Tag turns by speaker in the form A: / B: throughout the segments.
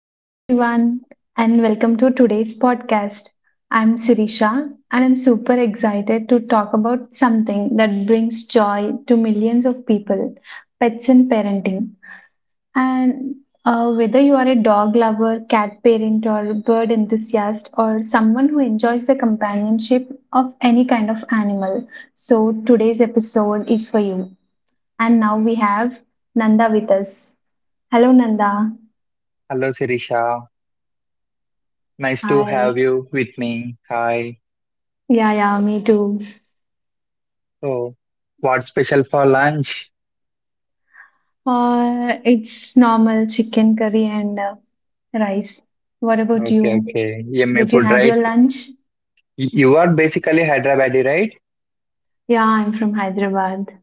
A: Hello, everyone, and welcome to today's podcast. I'm Sirisha, and I'm super excited to talk about something that brings joy to millions of people pets and parenting. And Whether you are a dog lover, cat parent, or bird enthusiast, or someone who enjoys the companionship of any kind of animal, so today's episode is for you. And now we have Nanda with us. Hello, Nanda.
B: Hello, Sirisha. Nice to have
A: Hi.
B: you with me. Hi.
A: Yeah, yeah, me too.
B: So, what's special for lunch?
A: It's normal chicken curry and rice. What about
B: Okay,
A: you?
B: okay. Yummy
A: Did you
B: food,
A: had
B: right?
A: your lunch?
B: You are basically Hyderabadi, right?
A: Yeah, I'm from Hyderabad.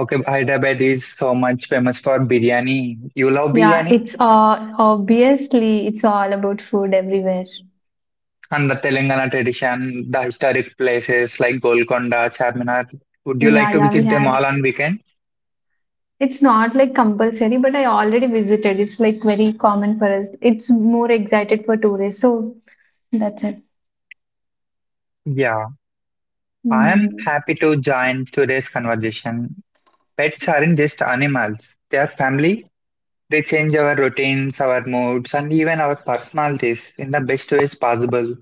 B: Okay, Hyderabad is so much famous for biryani. You love
A: Yeah,
B: biryani?
A: it's all obviously it's all about food everywhere.
B: And the Telangana tradition, the historic places like Golconda, Charminar. Would you like
A: Yeah,
B: to
A: yeah, we
B: visit them
A: have.
B: all on weekend?
A: It's not like compulsory, but I already visited. It's like very common for us. It's more excited for tourists, so that's it.
B: Yeah, I am
A: Hmm.
B: happy to join today's conversation. Pets aren't just animals, they are family. They change our routines, our moods, and even our personalities in the best ways possible.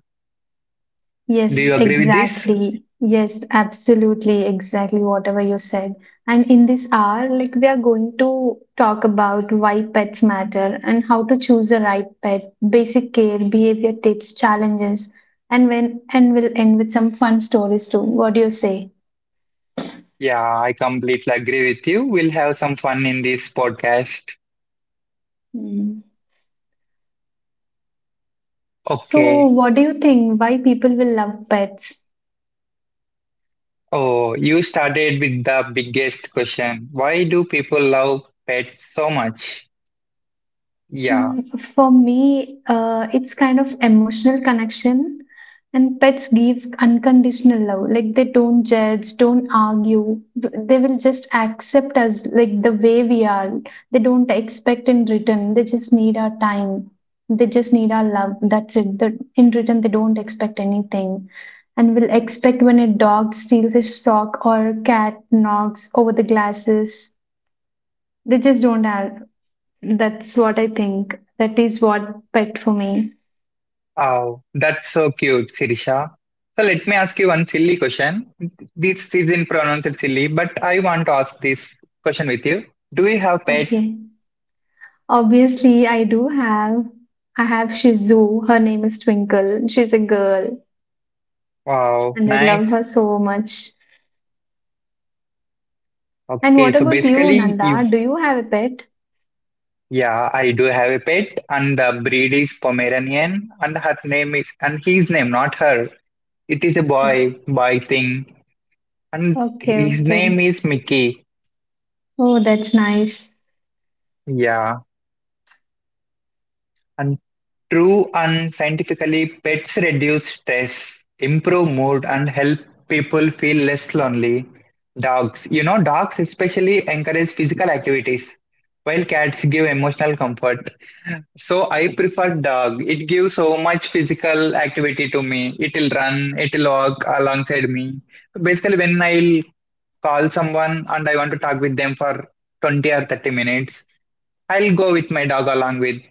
B: Do
A: Yes,
B: you agree with this?
A: exactly. Yes, absolutely. Exactly, whatever you said. And in this hour, like we are going to talk about why pets matter and how to choose the right pet, basic care, behavior tips, challenges, and when and we'll end with some fun stories too. What do you say?
B: Yeah, I completely agree with you. We'll have some fun in this podcast.
A: Hmm. So,
B: Okay.
A: what do you think? Why people will love pets?
B: Oh, you started with the biggest question. Why do people love pets so much? Yeah.
A: For me, it's kind of emotional connection, and pets give unconditional love. Like they don't judge, don't argue. They will just accept us like the way we are. They don't expect in return. They just need our time. They just need our love. That's it. The, in return, they don't expect anything. And will expect when a dog steals a sock or a cat knocks over the glasses. They just don't ask. That's what I think. That is what pet for me.
B: Oh, that's so cute, Sirisha. So let me ask you one silly question. This isn't pronounced silly, but I want to ask this question with you. Do you have pet?
A: Okay. Obviously, I do have. I have Shizu. Her name is Twinkle. She's a girl,
B: Wow,
A: and I love
B: nice.
A: her so much. And
B: Okay,
A: what
B: so
A: about you,
B: basically, you,
A: Nanda? Do you have a pet?
B: yeah, I do have a pet, and the breed is Pomeranian, and her name is, and his name, not her. It is a boy,
A: O-
B: boy thing, and
A: Okay,
B: his
A: okay.
B: name is Mickey.
A: Oh, that's nice.
B: Yeah, and true and scientifically, pets reduce stress, improve mood, and help people feel less lonely. Dogs, you know, dogs especially encourage physical activities, while cats give emotional comfort. So I prefer dog. It gives so much physical activity to me. It'll run, it'll walk alongside me. So basically, when I'll call someone and I want to talk with them for 20 or 30 minutes, I'll go with my dog along with.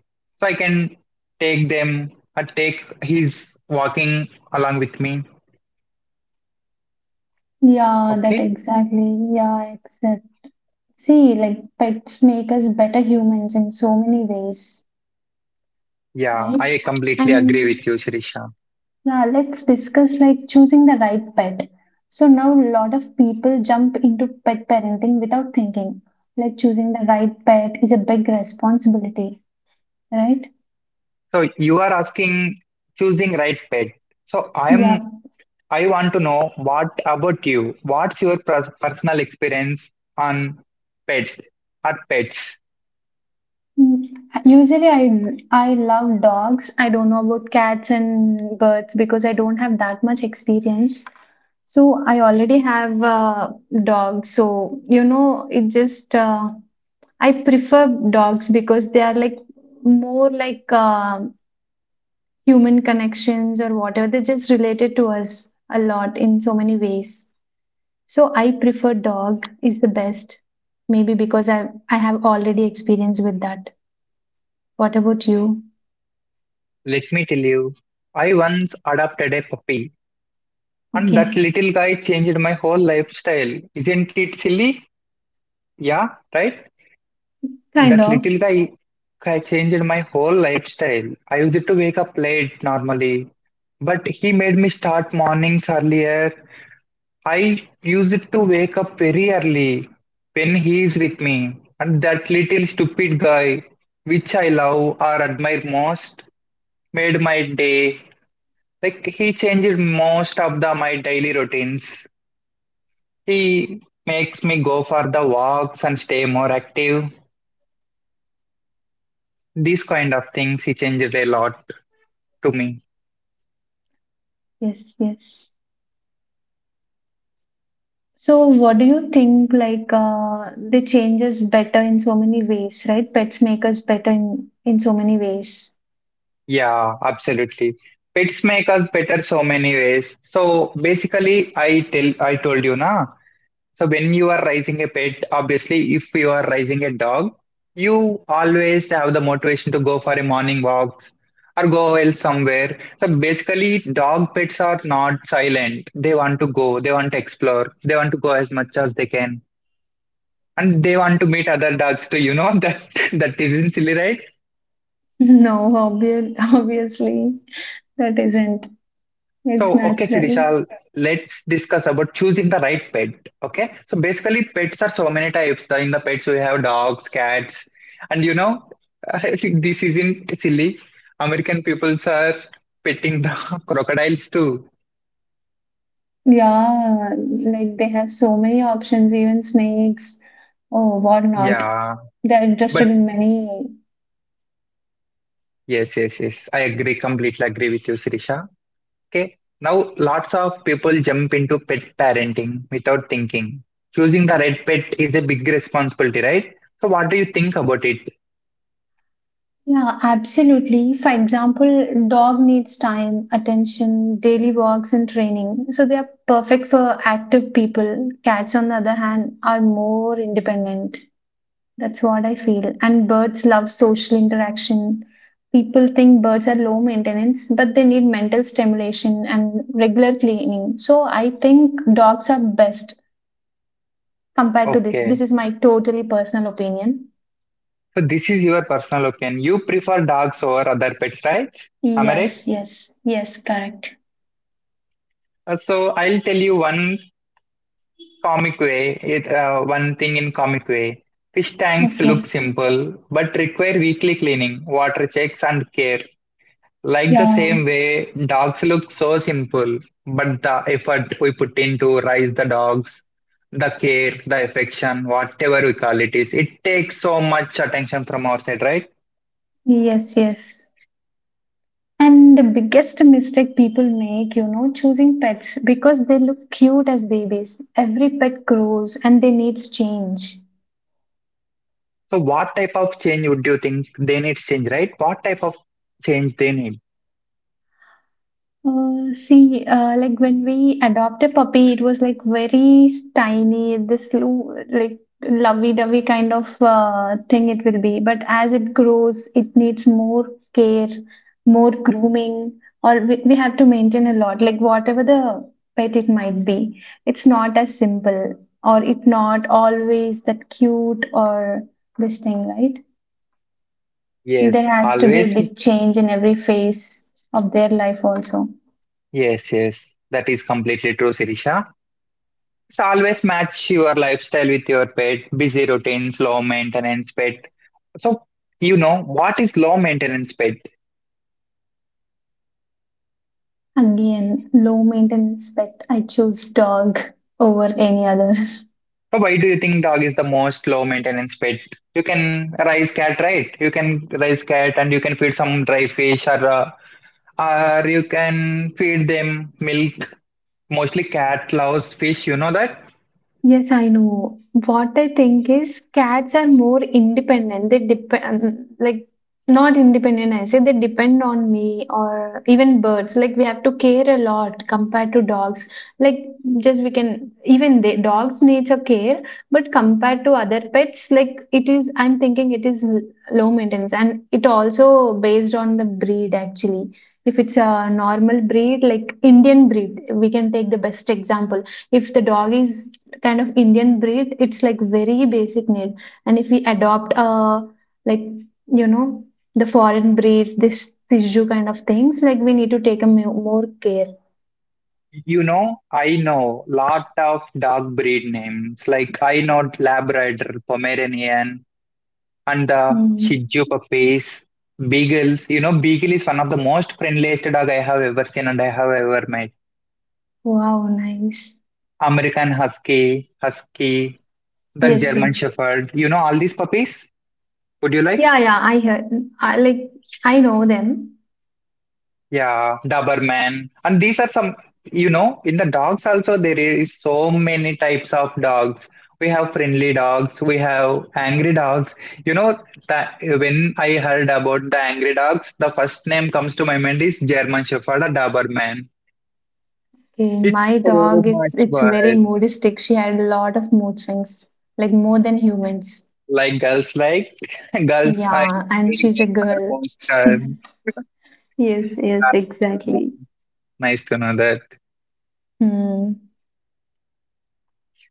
B: So I can take them or take his walking along with me.
A: Yeah, that
B: Okay.
A: exactly. Yeah, except see, like pets make us better humans in so many ways,
B: Yeah,
A: right?
B: I completely agree
A: And
B: with you, Shirisha.
A: now let's discuss like choosing the right pet. So now a lot of people jump into pet parenting without thinking. Like choosing the right pet is a big responsibility, right?
B: So you are asking choosing right pet. So I
A: Yeah.
B: am, I want to know what about you? What's your personal experience on pets or pets?
A: Mm, Usually I love dogs. I don't know about cats and birds because I don't have that much experience. So I already have dogs. So you know it just I prefer dogs because they are like more like human connections or whatever they're just related to us a lot in so many ways, so I prefer dog is the best, maybe because I have already experience with that. What about you?
B: Let me tell you. I once adopted a puppy, and that
A: Okay,
B: little guy changed my whole lifestyle. Isn't it silly? Yeah, right?
A: kind
B: That
A: of.
B: little guy changed my whole lifestyle. I used to wake up late normally, but he made me start mornings earlier. I use it to wake up very early when he is with me, and that little stupid guy, which I love or admire most, made my day. Like he changed most of the my daily routines. He makes me go for the walks and stay more active. These kind of things he changed a lot to me.
A: Yes, yes, so what do you think like they change us better in so many ways, right? Pets make us better in so many ways.
B: Yeah, absolutely. Pets make us better so many ways. So basically, I told you na. So when you are raising a pet, obviously, if you are raising a dog, you always have the motivation to go for a morning walks or go well somewhere. So basically, dog pets are not silent. They want to go, they want to explore, they want to go as much as they can. And they want to meet other dogs too, you know that that isn't silly, right?
A: No, obvious, obviously that isn't, it's
B: So, okay,
A: natural.
B: Sirishal, let's discuss about choosing the right pet. Okay, so basically, pets are so many types. In the pets, we have dogs, cats, and you know, I think this isn't silly. American peoples are petting the crocodiles too.
A: Yeah, like they have so many options, even snakes or whatnot.
B: Yeah,
A: They're interested
B: but
A: in many.
B: yes, yes, yes, I agree, completely agree with you, Sirisha. Okay, now lots of people jump into pet parenting without thinking. Choosing the right pet is a big responsibility, right? So, what do you think about it?
A: Yeah, absolutely. For example, dog needs time, attention, daily walks, and training. So they are perfect for active people. Cats, on the other hand, are more independent. That's what I feel. And birds love social interaction. People think birds are low maintenance, but they need mental stimulation and regular cleaning. So I think dogs are best compared to this.
B: Okay.
A: This is my totally personal opinion.
B: So this is your personal opinion. You prefer dogs over other pets, right? Am I right?
A: Yes, yes, yes, correct.
B: So I'll tell you one comic way. It One thing in comic way. Fish tanks look
A: Okay.
B: simple but require weekly cleaning, water checks, and care. Like the same
A: Yeah.
B: way, dogs look so simple, but the effort we put into raise the dogs, the care, the affection, whatever we call it is, it takes so much attention from our side, right?
A: Yes, yes. And the biggest mistake people make, you know, choosing pets because they look cute as babies. Every pet grows and they needs change.
B: So what type of change would you think they need change, right? What type of change they need?
A: See, like when we adopt a puppy, it was like very tiny, this like lovey-dovey kind of thing it will be. But as it grows, it needs more care, more grooming, or we have to maintain a lot. Like whatever the pet it might be, it's not as simple, or it not always that cute or this thing, right?
B: Yes,
A: There has to be a
B: always.
A: big change in every phase of their life also.
B: Yes, yes. That is completely true, Sirisha. So, always match your lifestyle with your pet, busy routines, low maintenance pet. So, you know, what is low maintenance pet?
A: Again, low maintenance pet. I choose dog over any other.
B: So why do you think dog is the most low maintenance pet? You can raise cat, right? You can raise cat and you can feed some dry fish or you can feed them milk. Mostly cat loves fish, you know that?
A: Yes, I know. What I think is cats are more independent. They depend, like, not independent, I say they depend on me or even birds. Like, we have to care a lot compared to dogs. Like, just we can, even they, dogs needs a care, but compared to other pets, like, it is, I'm thinking it is low maintenance. And it also based on the breed, actually. If it's a normal breed, like Indian breed, we can take the best example if the dog is kind of Indian breed, it's like very basic need. And if we adopt like you know the foreign breeds, this Siju kind of things, like we need to take a more care.
B: You know, I know lot of dog breed names. Like I know Labrador, Pomeranian, and the Shih
A: Mm.
B: Tzu puppies, Beagles. You know, Beagle is one of the most friendliest dog I have ever seen and I have ever met.
A: Wow, nice.
B: American Husky, Husky, the
A: Yes,
B: German
A: yes.
B: Shepherd. You know all these puppies? Would you like?
A: Yeah, yeah. I heard. I like. I know them.
B: Yeah, Doberman. And these are some, you know, in the dogs also, there is so many types of dogs. We have friendly dogs, we have angry dogs. You know, that when I heard about the angry dogs, the first name comes to my mind is German Shepherd or Doberman.
A: Okay,
B: It's
A: my
B: so
A: dog. It's
B: much
A: it's
B: work.
A: very moodistic. She had a lot of mood swings, like more than humans.
B: Like girls, like girls, I
A: Yeah, and she's a
B: girls are
A: girl.
B: most
A: Yes, yes, exactly.
B: nice to know that.
A: Hmm.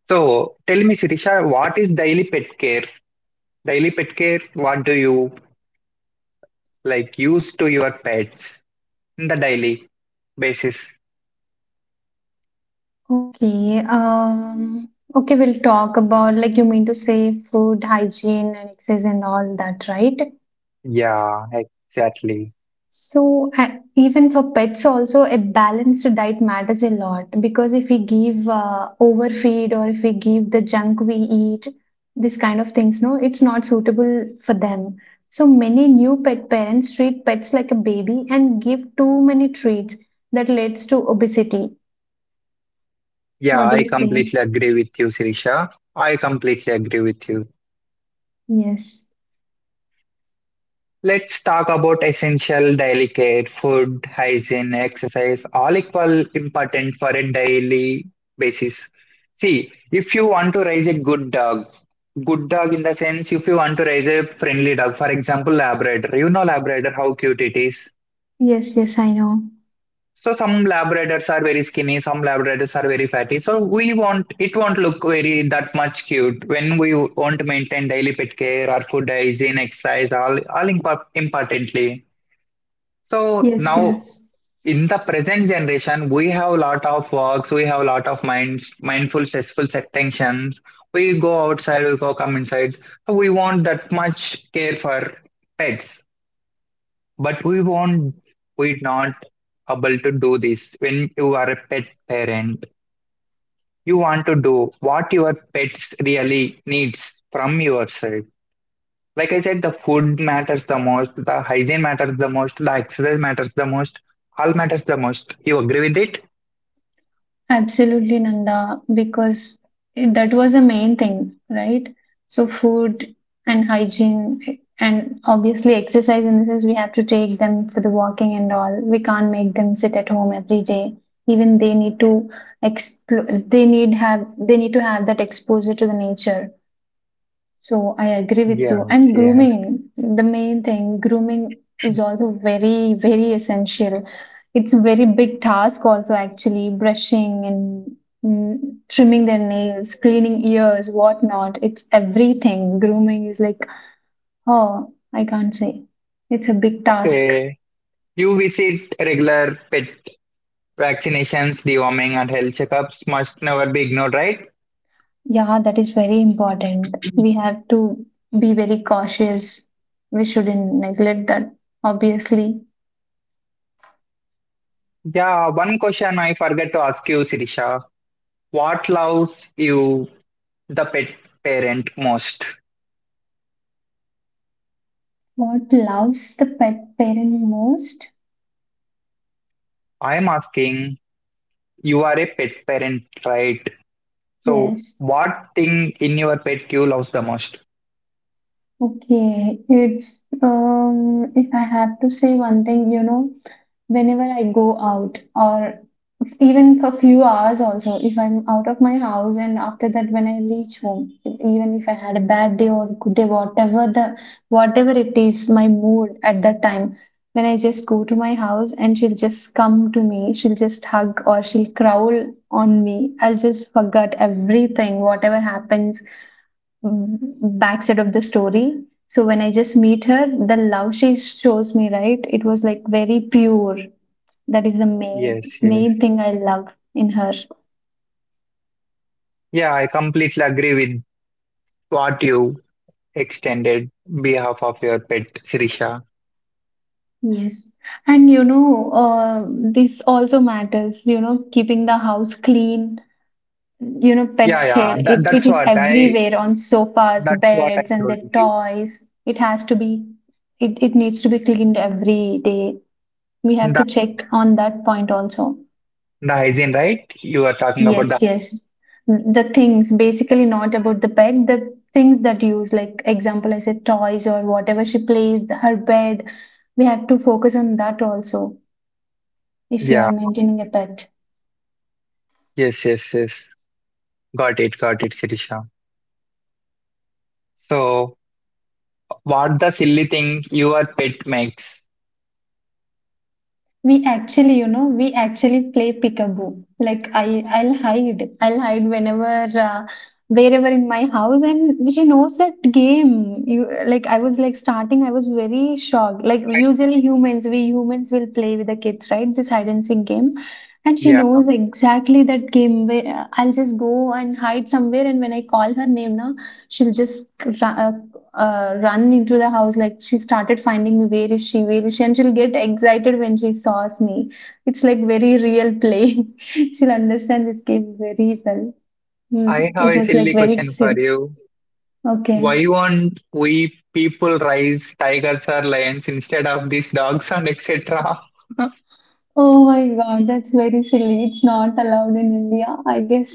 B: So tell me, Sirisha, what is daily pet care? Daily pet care, what do you like use to your pets in the daily basis?
A: Okay, okay, we'll talk about like you mean to say food, hygiene, and exercise and all that, right?
B: Yeah, exactly.
A: So even for pets also a balanced diet matters a lot because if we give overfeed or if we give the junk we eat, this kind of things, no, it's not suitable for them. So many new pet parents treat pets like a baby and give too many treats that leads to obesity.
B: Yeah,
A: What do
B: I
A: you say?
B: completely agree with you, Sirisha. I completely agree with you.
A: Yes,
B: Let's talk about essential daily care, food, hygiene, exercise, all equal important for a daily basis. See, if you want to raise a good dog in the sense if you want to raise a friendly dog, for example, Labrador. You know Labrador, how cute it is.
A: yes, yes, I know.
B: So some Labradors are very skinny, some Labradors are very fatty. So we won't, it won't look very that much cute when we won't maintain daily pet care, our food hygiene, exercise, all importantly. So
A: Yes,
B: now
A: yes,
B: in the present generation, we have a lot of works, we have a lot of minds, mindful, stressful tensions. We go outside, we go come inside. So we want that much care for pets. But we're not able to do this. When you are a pet parent, you want to do what your pets really needs from your side. Like I said, the food matters the most, the hygiene matters the most, the exercise matters the most, all matters the most. You agree with it?
A: absolutely, Nanda, because it- that was the main thing, right? So, food and hygiene, eh, and obviously, exercise in the sense we have to take them for the walking and all. We can't make them sit at home every day. Even they need to explore, they need to have that exposure to the nature. So I agree with you.
B: Yes,
A: And
B: yes.
A: grooming, the main thing, grooming is also very, very essential. It's a very big task also actually, brushing and mm, trimming their nails, cleaning ears, whatnot. It's everything. Grooming is like, oh, I can't say. It's a big task.
B: Okay. You visit regular pet vaccinations, deworming, and health checkups must never be ignored, right?
A: Yeah, that is very important. We have to be very cautious. We shouldn't neglect that, obviously.
B: Yeah, one question I forgot to ask you, Sirisha. What loves you the pet parent most?
A: What loves the pet parent most?
B: I'm asking, you are a pet parent, right? So
A: Yes.
B: what thing in your pet you love the most?
A: Okay. It's if I have to say one thing, you know, whenever I go out or even for few hours also, if I'm out of my house and after that when I reach home, even if I had a bad day or good day, whatever the whatever it is, my mood at that time, when I just go to my house and she'll just come to me, she'll just hug or she'll growl on me. I'll just forget everything, whatever happens mm, backside of the story. So when I just meet her, the love she shows me, right? It was like very pure. That is the main
B: Yes, yes.
A: main thing I love in her.
B: Yeah, I completely agree with what you extended behalf of your pet, Sirisha.
A: Yes. And you know, this also matters. You know, keeping the house clean. You know, pets'
B: Yeah, yeah.
A: hair.
B: That,
A: It
B: that's
A: is
B: what I
A: everywhere on sofas,
B: that's what I
A: beds, and
B: told
A: their
B: you.
A: toys. It has to be. It needs to be cleaned every day. We have to
B: The
A: check on that point also.
B: the hygiene, right? You are talking about the
A: Yes, yes. The things basically not about the pet, the things that you use, like example, I said toys or whatever she plays, her bed. We have to focus on that also if we are
B: yeah.
A: maintaining a pet.
B: Yes, yes, yes. Got it, Sirisha. So what the silly thing your pet makes?
A: We actually, you know, we actually play peekaboo. Like I'll hide. I'll hide whenever, wherever in my house, and she knows that game. You like, I was like starting. I was very shocked. Like usually humans, we humans will play with the kids, right? This hide and seek game, and she
B: Yeah,
A: knows exactly that game. Where I'll just go and hide somewhere, and when I call her name, now she'll just ra- uh, run into the house like she started finding me, where is she, where is she, and she'll get excited when she sees me. It's like very real play. She'll understand this game very well. Mm,
B: I have
A: it
B: a
A: was like
B: silly
A: very
B: question for
A: silly.
B: you.
A: Okay.
B: Why won't we people raise tigers or lions instead of these dogs and etc.?
A: Oh my god, that's very silly. It's not allowed in India, I guess.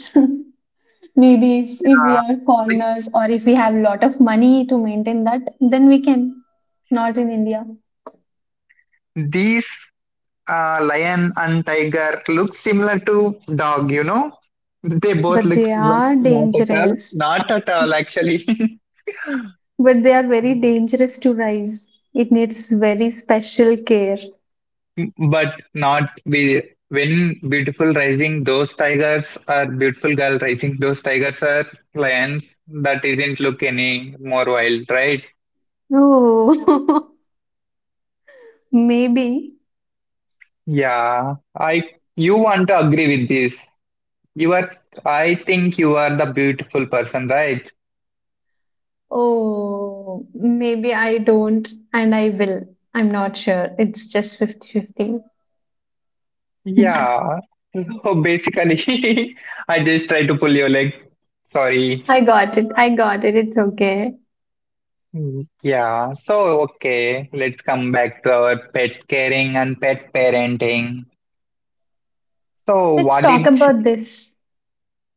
A: Maybe if
B: Yeah,
A: we are foreigners or if we have a lot of money to maintain that, then we can, not in India.
B: like these lion and tiger look similar to dog, you know? They both
A: But
B: look
A: they
B: similar.
A: are
B: Not at all.
A: dangerous.
B: Not at all, actually.
A: But they are very dangerous to rise. It needs very special care.
B: But not be when beautiful rising those tigers are beautiful girl rising those tigers are lions that isn't look any more wild, right?
A: Oh, maybe.
B: Yeah, I, you want to agree with this? You are, I think you are the beautiful person, right?
A: Oh, maybe I don't, and I will. I'm not sure. It's just fifty-fifty.
B: Yeah, so basically I just try to pull your leg. Sorry.
A: I got it. I got it. It's okay.
B: Mm, yeah, so okay, let's come back to our pet caring and pet parenting. So
A: Let's
B: what
A: talk
B: did,
A: about this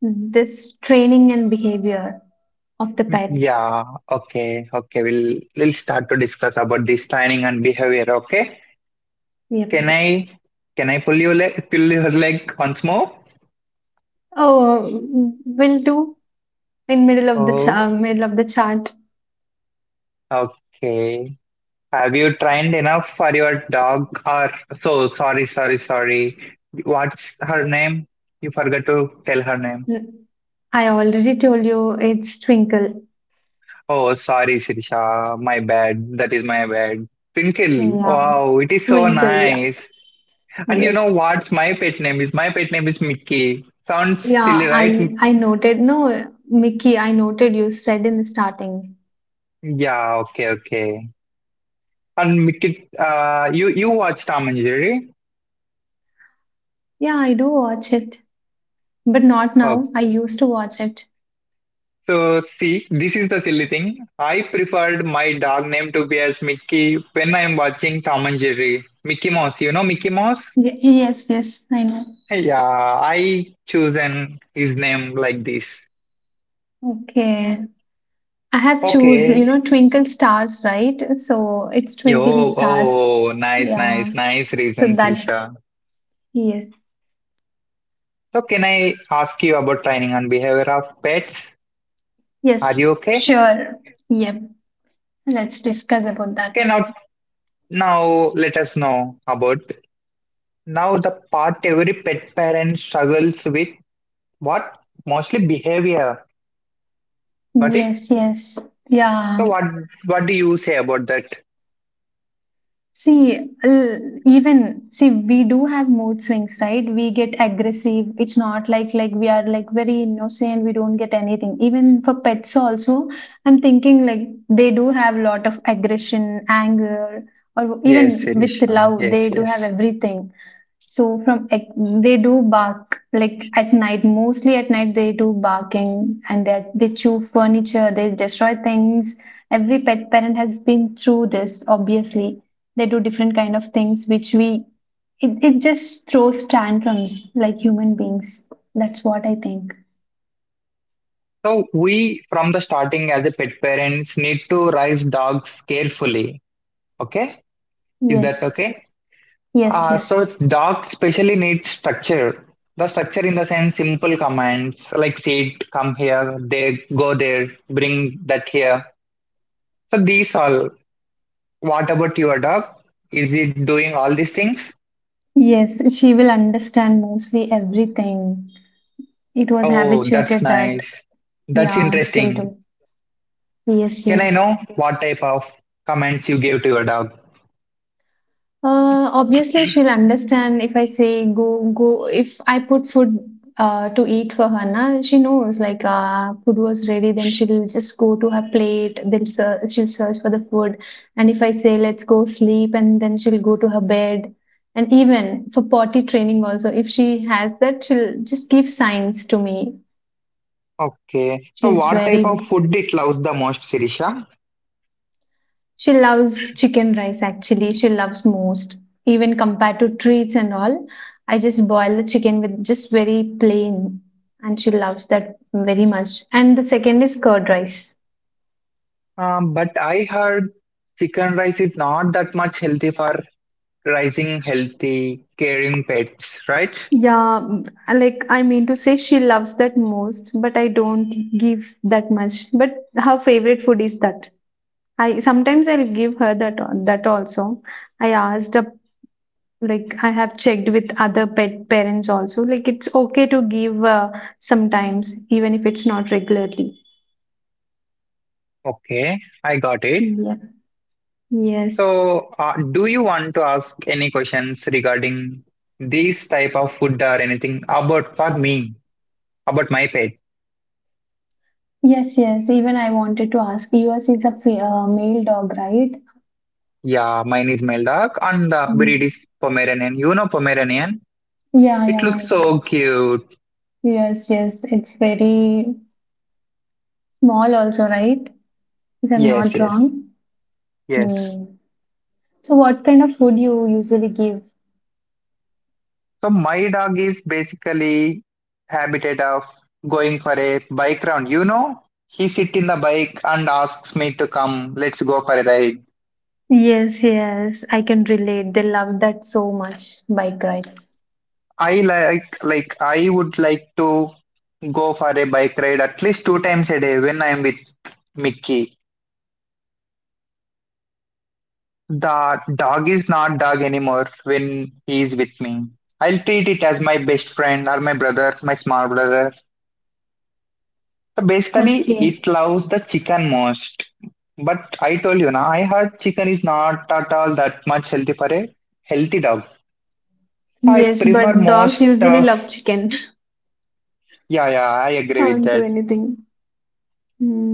A: this training and behavior of the pets.
B: yeah, okay, okay. We'll start to discuss about this planning and behavior, okay? Can
A: Yep.
B: I, can I pull your leg once more?
A: Oh, will do in middle of the
B: Oh,
A: middle of the chart.
B: okay. Have you trained enough for your dog or so sorry, sorry, sorry. What's her name? You forgot to tell her name.
A: N- I already told you it's Twinkle.
B: Oh, sorry, Sirisha. My bad. That is my bad. Twinkle.
A: Yeah.
B: Wow, it is so
A: Twinkle, yeah.
B: nice. And you
A: Yes.
B: know what's my pet name is? My pet name is Mickey. Sounds
A: Yeah,
B: silly, right?
A: I
B: M-
A: I noted. No, Mickey, I noted you said in the starting.
B: Yeah, okay, okay. And Mickey, you watch Tom and Jerry?
A: Yeah, I do watch it, but not
B: Oh,
A: now. I used to watch it.
B: so see, this is the silly thing. I preferred my dog name to be as Mickey when I'm watching Tom and Jerry. Mickey Mouse, you know Mickey Mouse?
A: Yes, yes, I know.
B: Yeah, I chosen his name like this.
A: Okay. I have choose,
B: Okay.
A: Twinkle Stars, right? So it's Twinkling
B: Yo,
A: Stars.
B: oh, nice,
A: Yeah.
B: nice, nice
A: So
B: reasons,
A: that,
B: Risha.
A: yes,
B: So, can I ask you about training on behavior of pets? Are
A: yes,
B: you okay?
A: sure. Yep. Let's discuss about that.
B: Okay, now, now let us know about now the part every pet parent struggles with. What mostly behavior? Got it?
A: Yes, yes.
B: So,
A: Yeah.
B: what do you say about that?
A: See, even see, we do have mood swings, right? We get aggressive. It's not like we are like very innocent. We don't get anything. Even for pets also, I'm thinking like they do have a lot of aggression, anger, or
B: Yes,
A: even with
B: Sirisha.
A: love,
B: Yes,
A: they do have
B: yes.
A: everything. So from like, they do bark like at night, mostly at night they do barking, and they chew furniture, they destroy things. Every pet parent has been through this, obviously. They do different kind of things which it just throws tantrums like human beings. That's what I think.
B: So, we from the starting as a pet parents need to raise dogs carefully. Okay, is that
A: Yes,
B: okay?
A: yes,
B: Uh,
A: yes.
B: so Docs specially need structure. The structure in the sense simple commands like sit, come here, there, go there, bring that here. So these all. What about your dog? Is it doing all these things?
A: Yes, she will understand mostly everything. It was
B: Oh, that's
A: habituated that,
B: nice. That's
A: yeah, she'll
B: interesting.
A: do. Yes,
B: Can I
A: yes.
B: know what type of commands you gave to your dog?
A: Obviously, she'll understand if I say go, go. If I put food to eat for her, na, she knows like food was ready, then she'll just go to her plate, then she'll search for the food. And if I say let's go sleep, and then she'll go to her bed. And even for potty training also, if she has that, she'll just give signs to me.
B: Okay. So
A: She's
B: what type
A: very
B: of food it loves the most, Sirisha?
A: She loves chicken rice actually. She loves most, even compared to treats and all. I just boil the chicken with just very plain, and she loves that very much. And the second is curd rice.
B: But I heard chicken rice is not that much healthy for raising healthy, caring pets, right?
A: Yeah, like I mean to say, she loves that most, but I don't give that much. But her favorite food is that. I sometimes I'll give her that also. I asked Like I have checked with other pet parents also, like it's okay to give, sometimes, even if it's not regularly.
B: Okay, I got it.
A: Yeah. Yes.
B: So, do you want to ask any questions regarding this type of food or anything about for me, about my pet?
A: Yes, yes. Even I wanted to ask. Yours is a male dog, right?
B: Yeah, mine is male dog and the
A: Mm.
B: breed is Pomeranian. You know Pomeranian?
A: Yeah, yeah,
B: It
A: I
B: looks
A: know
B: so
A: that.
B: cute.
A: Yes, yes. It's very small also, right? If I'm
B: Yes,
A: not
B: yes,
A: wrong.
B: yes.
A: Hmm. So what kind of food you usually give?
B: So my dog is basically habitat of going for a bike round. You know, he sit in the bike and asks me to come. Let's go for a ride.
A: Yes, yes, I can relate. They love that so much. Bike rides?
B: I like I would like to go for a bike ride at least 2 times a day when I'm with Mickey. The dog is not dog anymore when he is with me. I'll treat it as my best friend or my brother, my small brother. So basically,
A: Okay.
B: it loves the chicken most. But I told you now, I heard chicken is not at all that much healthy for a healthy dog. So I
A: Yes,
B: prefer
A: but dogs
B: most
A: usually
B: of,
A: love chicken.
B: yeah, yeah, I agree with
A: Can't do
B: that.
A: anything.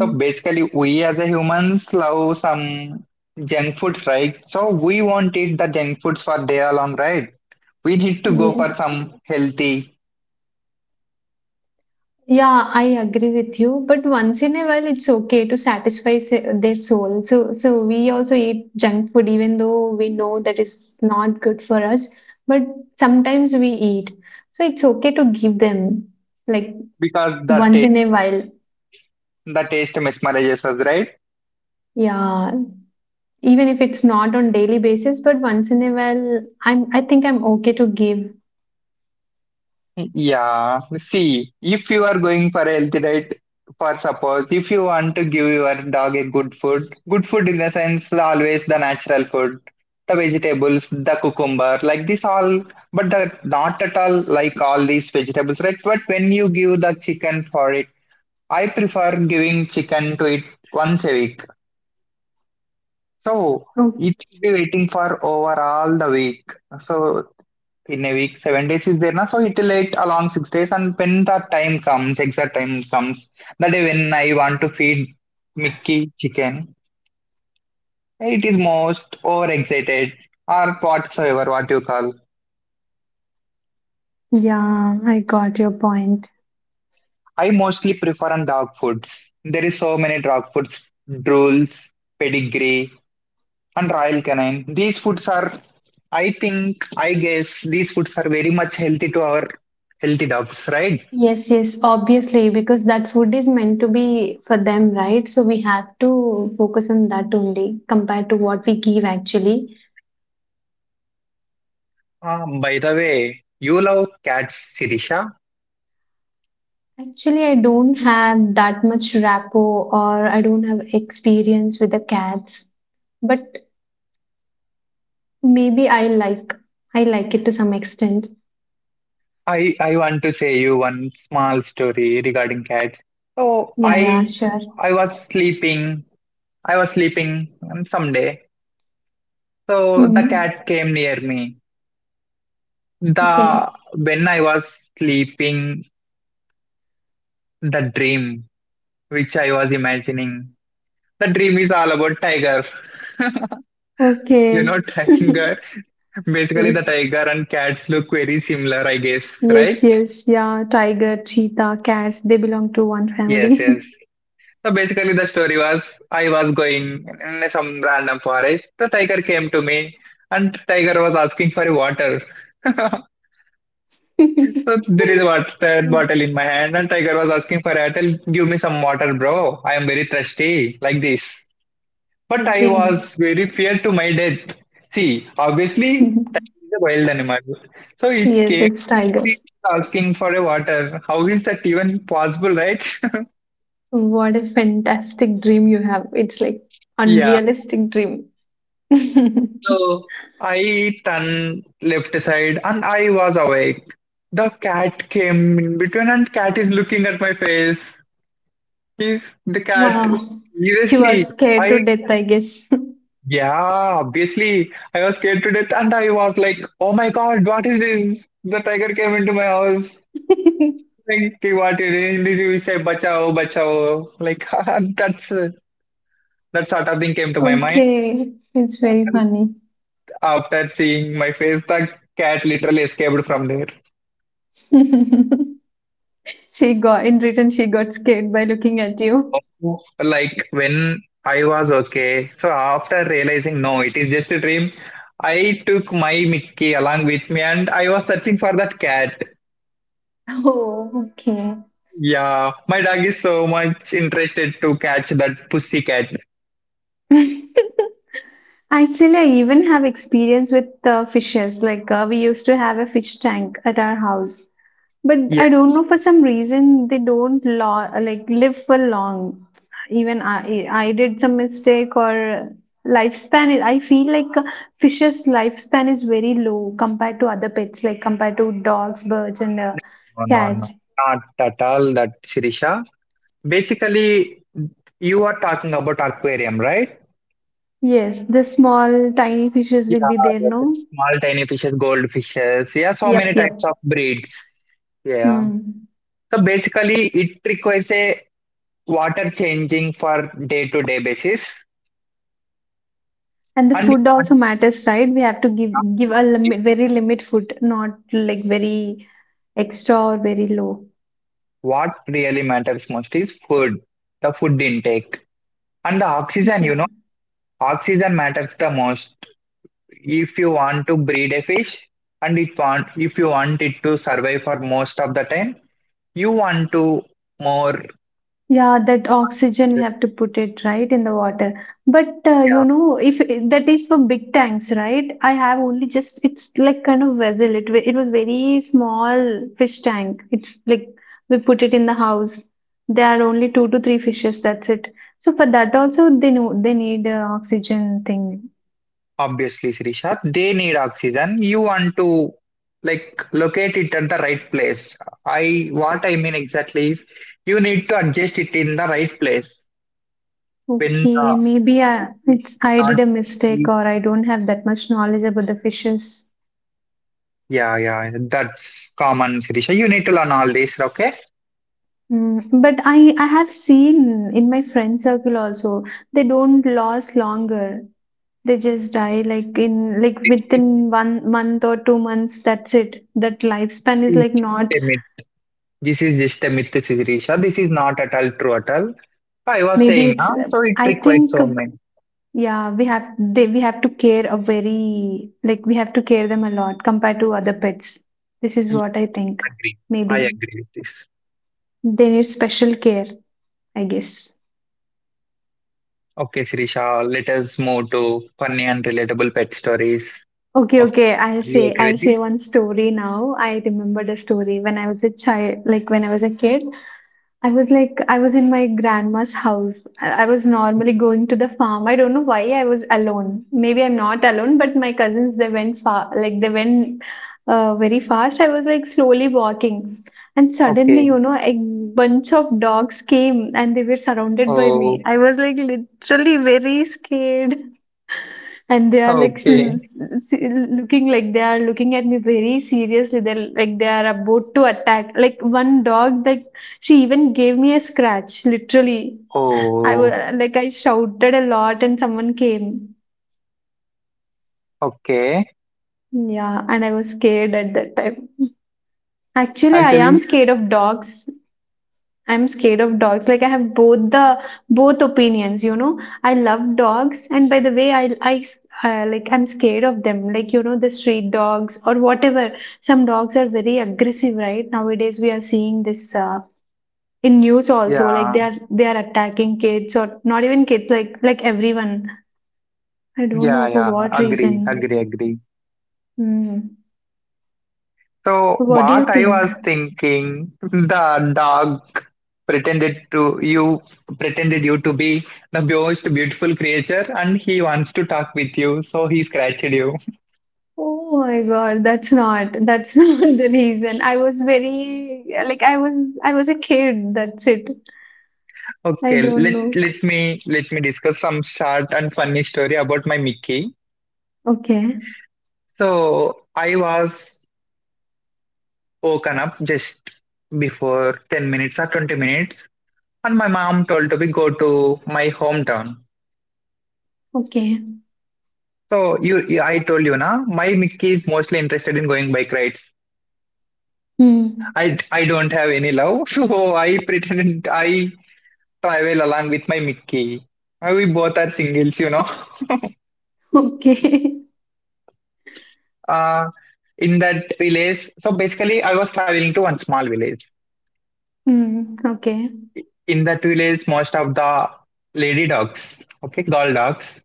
B: So basically, we as a humans love some junk foods, right? So we won't eat the junk foods for day long, right? We need to go for
A: yes.
B: some healthy
A: Yeah, I agree with you. But once in a while, it's okay to satisfy their soul. So, we also eat junk food, even though we know that is not good for us. But sometimes we eat. So it's okay to give them, like,
B: because
A: once in a while.
B: the taste mesmerizes us, right?
A: Yeah. Even if it's not on daily basis, but once in a while, I think I'm okay to give.
B: Yeah, see, if you are going for a healthy diet, for suppose if you want to give your dog a good food in the sense always the natural food, the vegetables, the cucumber, like this all, but the, not at all like all these vegetables, right? But when you give the chicken for it, I prefer giving chicken to it once a week. So
A: Oh.
B: it will be waiting for overall the week. So in a week, 7 days is there now, so it will wait along 6 days. And when the time comes, exact time comes, the day when I want to feed Mickey chicken, it is most overexcited or whatsoever what you call.
A: Yeah, I got your point.
B: I mostly prefer on dog foods. There is so many dog foods, drools, pedigree, and royal canine. These foods are, I think, I guess, these foods are very much healthy to our healthy dogs, right?
A: Yes, yes, obviously, because that food is meant to be for them, right? So we have to focus on that only compared to what we give actually.
B: By the way, you love cats, Sirisha.
A: Actually, I don't have that much rapport, or I don't have experience with the cats, but maybe I like it to some extent.
B: I want to say you one small story regarding cats. So
A: Yeah, yeah,
B: I
A: sure.
B: I was sleeping. I was sleeping someday. So the
A: Hmm.
B: cat came near me.
A: Okay.
B: The when I was sleeping, the dream which I was imagining. The dream is all about tiger. You
A: Okay.
B: know, tiger. Basically, the
A: Yes.
B: tiger and cats look very similar, I guess,
A: Yes,
B: right?
A: yes, yeah. Tiger, cheetah, cats, they belong to one
B: Yes,
A: family.
B: yes. So basically, the story was I was going in some random forest. The tiger came to me, and tiger was asking for water. So there is a water
A: Mm.
B: bottle in my hand, and tiger was asking for water. Give me some water, bro. I am very thirsty, like this. But I
A: Okay.
B: was very feared to my death. See, obviously,
A: Mhm.
B: it's a wild animal, so it
A: Yes,
B: came
A: it's tiger.
B: asking for a water. How is that even possible, right?
A: What a fantastic dream you have. It's like
B: Yeah.
A: unrealistic dream.
B: So I turned left side and I was awake. The cat came in between and cat is looking at my face. He's the cat.
A: Wow. You are
B: Seriously,
A: scared to
B: I
A: death, I guess.
B: yeah, obviously I was scared to death and I was like, oh my god, what is this? The tiger came into my house. Like what it is in Hindi we say bachao, bachao. Like that's that sort of thing came to my mind
A: Okay. It's very funny.
B: after seeing my face. The cat literally escaped from there.
A: She got in return, she got scared by looking at you.
B: Like when I was okay. So after realizing no, it is just a dream, I took my Mickey along with me and I was searching for that cat.
A: Oh, okay.
B: Yeah, my dog is so much interested to catch that pussy cat.
A: Actually, I even have experience with fishes. Like, we used to have a fish tank at our house, but
B: Yes,
A: I don't know for
B: yes.
A: some reason they don't like live for long. Even I did some mistake, or lifespan. I feel like, fishes' lifespan is very low compared to other pets, like compared to dogs, birds, and
B: No, no, no.
A: cats.
B: Not at all that Shirisha. Basically, you are talking about aquarium, right?
A: Yes, the small, tiny fishes will be
B: Yeah,
A: there.
B: yes.
A: No.
B: It's small tiny fishes, goldfishes. Yeah, so many
A: Yep.
B: types
A: Yep.
B: of breeds. Yeah.
A: Hmm.
B: So basically, it requires a water changing for day to day basis.
A: And the
B: And
A: food also matters, right? We have to give a limit, very limit food, not like very extra or very low.
B: what really matters most is food, the food intake and the oxygen.
A: Yeah.
B: You know, oxygen matters the most. If you want to breed a fish and it want, if you want it to survive for most of the time, you want to more
A: Yeah, that oxygen we have to put it right in the water. But
B: yeah,
A: if that is for big tanks, right? I have only just It's like kind of vessel. It was very small fish tank. It's like we put it in the house. There are only two to three fishes. That's it. So for that also they know they need, oxygen thing.
B: obviously, Srisha, they need oxygen. You want to like locate it at the right place. I what I mean exactly is you need to adjust it in the right place when
A: Okay, maybe
B: it's
A: I
B: not.
A: did a mistake, or I don't have that much knowledge about the fishes.
B: Yeah, yeah, that's common, Sirisha. You need to learn all this, okay?
A: Mm, but I have seen in my friend circle also, they don't last longer. They just die like in like
B: This
A: within 1 month or 2 months. That's it. That lifespan is
B: is
A: like
B: just
A: not.
B: a myth. This is just a myth, Sirisha. This is not at all true at all. I was
A: Maybe
B: saying,
A: it's,
B: huh? So it
A: I
B: requires
A: think,
B: so many.
A: yeah, we have to care a very, like, we have to care them a lot compared to other pets. This is
B: Yeah,
A: what I think
B: I agree. I
A: maybe.
B: agree with this.
A: They need special care, I guess.
B: Okay, Sirisha, let us move to funny and relatable pet stories.
A: Okay,
B: Okay.
A: okay. I'll
B: Are you
A: say
B: okay
A: I'll
B: with
A: say
B: this?
A: one story now. I remembered a story when I was a child, like when I was a kid. I was in my grandma's house. I was normally going to the farm. I don't know why I was alone. Maybe I'm not alone, but my cousins, they went far, like they went, very fast. I was like slowly walking, and suddenly
B: Okay.
A: a bunch of dogs came, and they were surrounded by me.
B: Oh,
A: I was like literally very scared. And they are like,
B: okay.
A: looking, like they are looking at me very seriously. They're like they are about to attack. Like, one dog, that, she even gave me a scratch literally. I was
B: Oh,
A: like, I shouted a lot, and someone came.
B: okay.
A: Yeah. And I was scared at that time. Actually, I am
B: Actually,
A: scared of dogs. I'm scared of dogs. Like, I have both opinions, you know. I love dogs, and by the way, like I'm scared of them. Like, the street dogs or whatever. Some dogs are very aggressive, right? Nowadays, we are seeing this, in news also. Like,
B: yeah,
A: they are attacking kids, or not even kids, like everyone. I don't
B: yeah,
A: know for
B: yeah.
A: what
B: Agree,
A: reason.
B: agree, agree.
A: Hmm.
B: So,
A: What do you
B: what I
A: think?
B: was thinking, the dog pretended to you, pretended you to be the most beautiful creature, and he wants to talk with you, so he scratched you.
A: Oh my God, that's not, that's not the reason. I was a kid, that's it. I
B: Okay,
A: don't
B: let
A: know.
B: let me let me discuss some short and funny story about my Mickey.
A: Okay.
B: So I was woken up just before 10 minutes or 20 minutes, and my mom told to me go to my hometown.
A: Okay.
B: So I told you na, my Mickey is mostly interested in going bike rides.
A: Hmm.
B: I don't have any love, so I pretended I travel along with my Mickey. We both are singles, you know.
A: Okay.
B: uh, in that village. So basically, I was traveling to one small village.
A: Hmm. Okay.
B: In that village, most of the lady dogs, okay, girl dogs,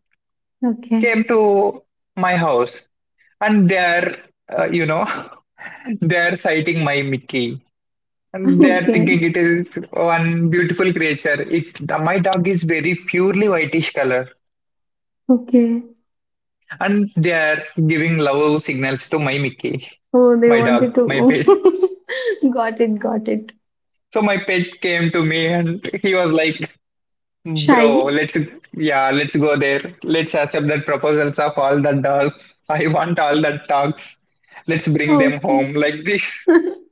A: Okay.
B: came to my house and they're, you know, they're sighting my Mickey. And they're
A: Okay.
B: thinking it is one beautiful creature. It the, my dog is very purely whitish color,
A: Okay.
B: and they are giving love signals to my Mickey,
A: Oh, they
B: my
A: wanted
B: dog,
A: to.
B: my pet.
A: Oh, got it, got it.
B: So my pet came to me and he was like, bro,
A: Shy.
B: let's yeah, let's go there. Let's accept that proposals of all the dogs. I want all the dogs. Let's bring them home
A: Okay.
B: like this.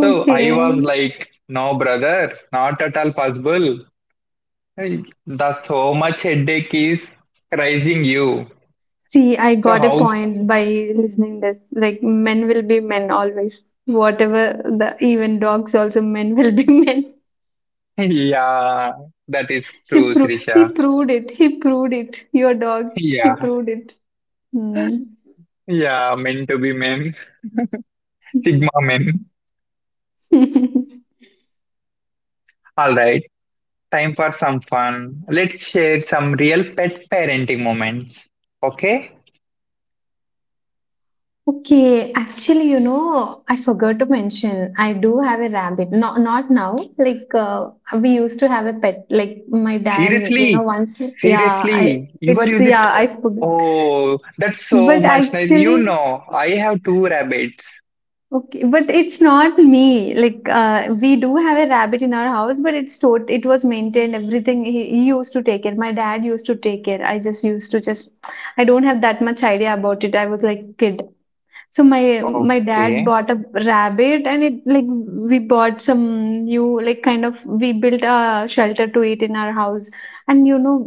B: So I was like, no, brother, not at all possible. Hey, the so much headache is raising you.
A: See, I
B: So
A: got a
B: how?
A: point by listening this. Like, men will be men always. Whatever, the even dogs also men will be men.
B: Yeah, that is true, Srisha.
A: He proved it. He proved it. Your dog, he
B: Yeah,
A: proved it. Hmm.
B: yeah, meant to be men, Sigma men. All right. Time for some fun. Let's share some real pet parenting moments. Okay?
A: Okay, actually, I forgot to mention, I do have a rabbit. Not now. Like, we used to have a pet. Like my dad,
B: Seriously?
A: once. Yeah, I.
B: Seriously? You are
A: It's,
B: using it?
A: yeah, I forgot.
B: Oh, that's so
A: But
B: much nice. You
A: actually,
B: know, I have two rabbits.
A: okay, but it's not me. Like, we do have a rabbit in our house, but it was maintained. Everything he used to take care. My dad used to take care. I just used to just. I don't have that much idea about it. I was like kid. So my dad
B: Okay.
A: bought a rabbit, and it like we bought some new, like kind of, we built a shelter to it in our house. And you know,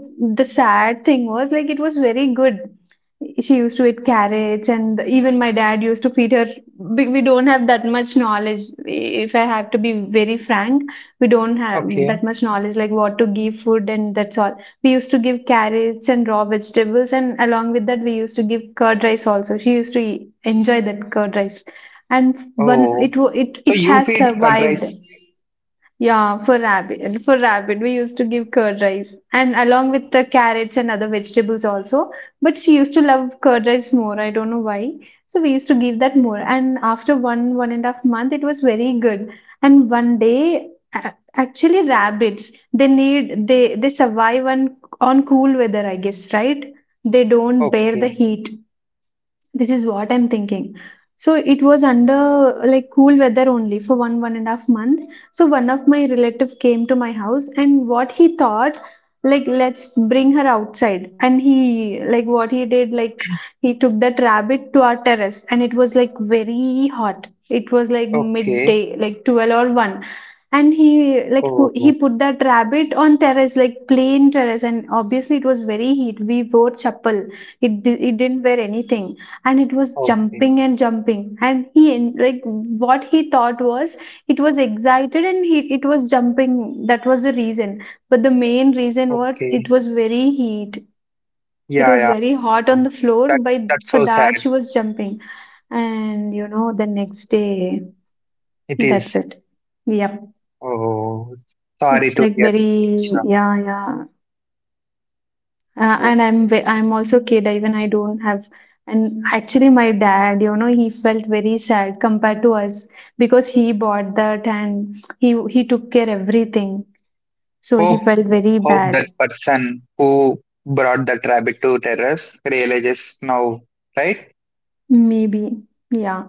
A: the sad thing was, like, it was very good. She used to eat carrots, and even my dad used to feed her. We don't have that much knowledge. If I have to be very frank, we don't have
B: Okay.
A: that much knowledge like what to give food. And that's all, we used to give carrots and raw vegetables, and along with that we used to give curd rice also. She used to enjoy that curd rice. And one
B: Oh.
A: it wa- it
B: So
A: it
B: you
A: has
B: feed curd
A: survived.
B: rice.
A: Yeah, for rabbit, we used to give curd rice, and along with the carrots and other vegetables also. But she used to love curd rice more. I don't know why. So we used to give that more. And after one and a half month, it was very good. And one day, actually, rabbits, they need, they survive on cool weather, I guess, right? They don't bear the
B: Okay.
A: heat. This is what I'm thinking. So it was under like cool weather only for one and a half month. So one of my relative came to my house, and what he thought, like, let's bring her outside. And he, like what he did, like, he took that rabbit to our terrace, and it was like very hot. It was like
B: Okay.
A: midday, like 12 or one. And he, like he
B: Oh.
A: put that rabbit on terrace, like plain terrace, and obviously it was very heat. We wore chappal. It didn't wear anything, and it was
B: Okay.
A: jumping and jumping. And like what he thought was, it was excited, and he it was jumping. That was the reason, but the main reason was
B: Okay.
A: it was very heat. It
B: Yeah,
A: was
B: yeah.
A: very hot on the floor.
B: That
A: By
B: that's
A: for
B: so sad.
A: that she was jumping, and the next day,
B: It
A: that's
B: is.
A: it. Yep.
B: Oh, sorry
A: It's
B: to
A: like
B: hear. Isha.
A: very, yeah, yeah.
B: Oh,
A: And I'm also kid. Even I don't have, and actually my dad, he felt very sad compared to us, because he bought that, and he took care everything, so he
B: hope
A: felt very
B: hope that
A: bad.
B: person who brought that rabbit to terrace realizes now, right?
A: Maybe. Yeah,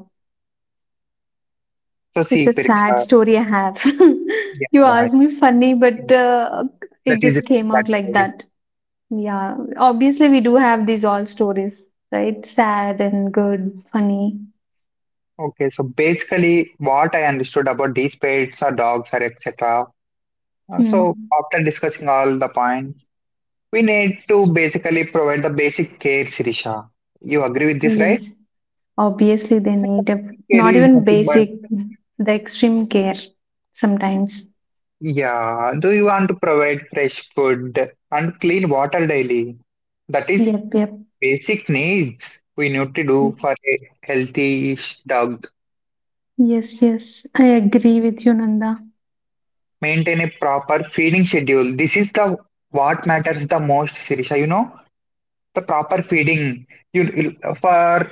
B: So
A: it's
B: see,
A: a sad
B: Pirishka,
A: story I have.
B: yeah,
A: You
B: yeah, I
A: asked me funny, but,
B: think that
A: it
B: is it,
A: just came
B: that
A: out like
B: story.
A: that. Yeah, obviously we do have these all stories, right, sad and good funny.
B: Okay, so basically, what I understood about these pets or dogs or etc. uh,
A: Hmm.
B: So after discussing all the points, we need to basically provide the basic care, Sirisha. You agree with this, right?
A: Yes. Obviously, they
B: Like, the
A: need a,
B: basic care
A: not
B: is
A: even
B: nothing
A: basic,
B: but
A: the extreme care sometimes.
B: yeah. Do you want to provide fresh food and clean water daily? That is
A: Yep, yep.
B: basic needs we need to do for a healthy dog.
A: Yes, yes. I agree with you, Nanda.
B: Maintain a proper feeding schedule. This is the what matters the most, Sirisha. You know the proper feeding. You for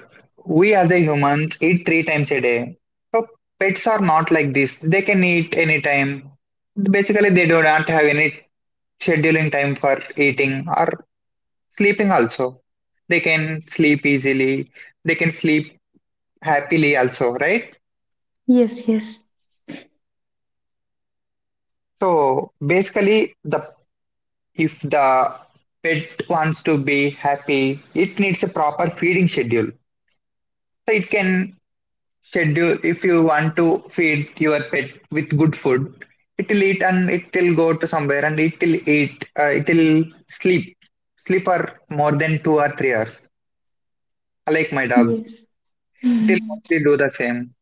B: we as a humans eat 3 times a day. So pets are not like this. They can eat anytime. Basically, they do not have any scheduling time for eating or sleeping also. They can sleep easily. They can sleep happily also, right?
A: Yes, yes,
B: So basically, the if the pet wants to be happy, it needs a proper feeding schedule. So it can schedule if you want to feed your pet with good food, it will eat and it will go to somewhere and it will eat. It will sleep, sleep for more than 2 or 3 hours. Like my dog,
A: yes.
B: it will
A: Mm.
B: mostly do the same.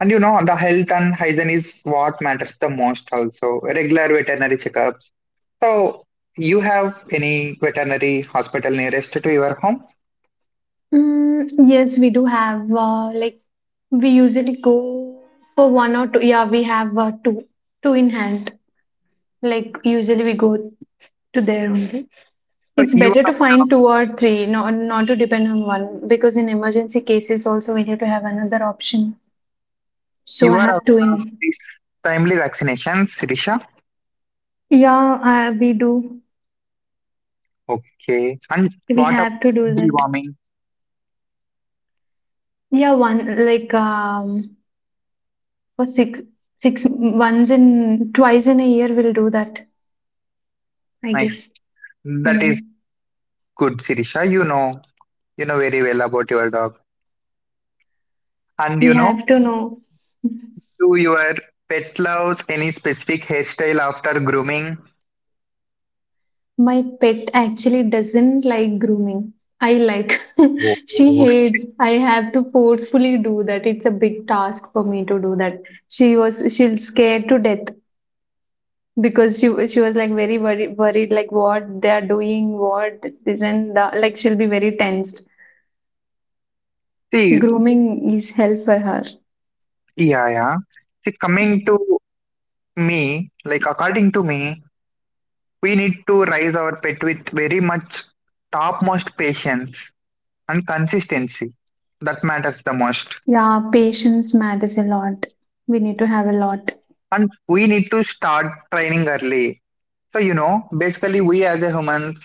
B: And you know, the health and hygiene is what matters the most also. Regular veterinary checkups. So, you have any veterinary hospital nearest to your home?
A: Mm, yes, we do have, like, we usually go for one or two. Yeah, we have, two in hand. Like usually we go to there only.
B: So,
A: It's better to find two or three, not not to depend on one because in emergency cases also we need to have another option. So
B: you
A: I
B: are
A: have to
B: aware of
A: in.
B: these timely vaccinations, Sirisha?
A: Yeah, we do.
B: Okay. And
A: We
B: what about
A: have to do that.
B: deworming?
A: Yeah, one, like, for six six once in twice in a year we'll do that, I
B: Nice.
A: guess.
B: That is
A: Mm.
B: good, Sirisha. You know very well about your dog. And you
A: We
B: know,
A: have to know.
B: do your pet loves any specific hairstyle after grooming?
A: My pet actually doesn't like grooming. I like.
B: Oh.
A: She hates. I have to forcefully do that. It's a big task for me to do that. She'll scared to death, because she was like very worried, like, what they are doing, what this and that, like she'll be very tensed.
B: See,
A: Grooming is hell for her.
B: yeah, yeah. See, coming
A: Mm.
B: to me, like according to me, we need to raise our pet with very much topmost patience and consistency. That matters the most.
A: Yeah, patience matters a lot. We need to have a lot.
B: And we need to start training early. So, you know, basically we as a humans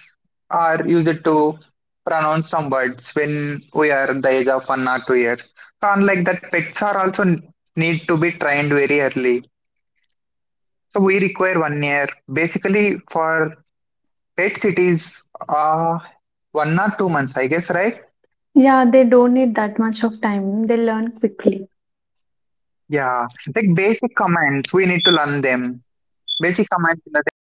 B: are used to pronounce some words when we are the age of 1 or 2 years. So unlike that, pets are also n- need to be trained very early. So we require 1 year basically for Pet cities are 1 or 2 months, I guess, right?
A: Yeah, they don't need that much of time. They learn quickly.
B: Yeah. Like basic commands, we need to learn them. Basic commands in the sense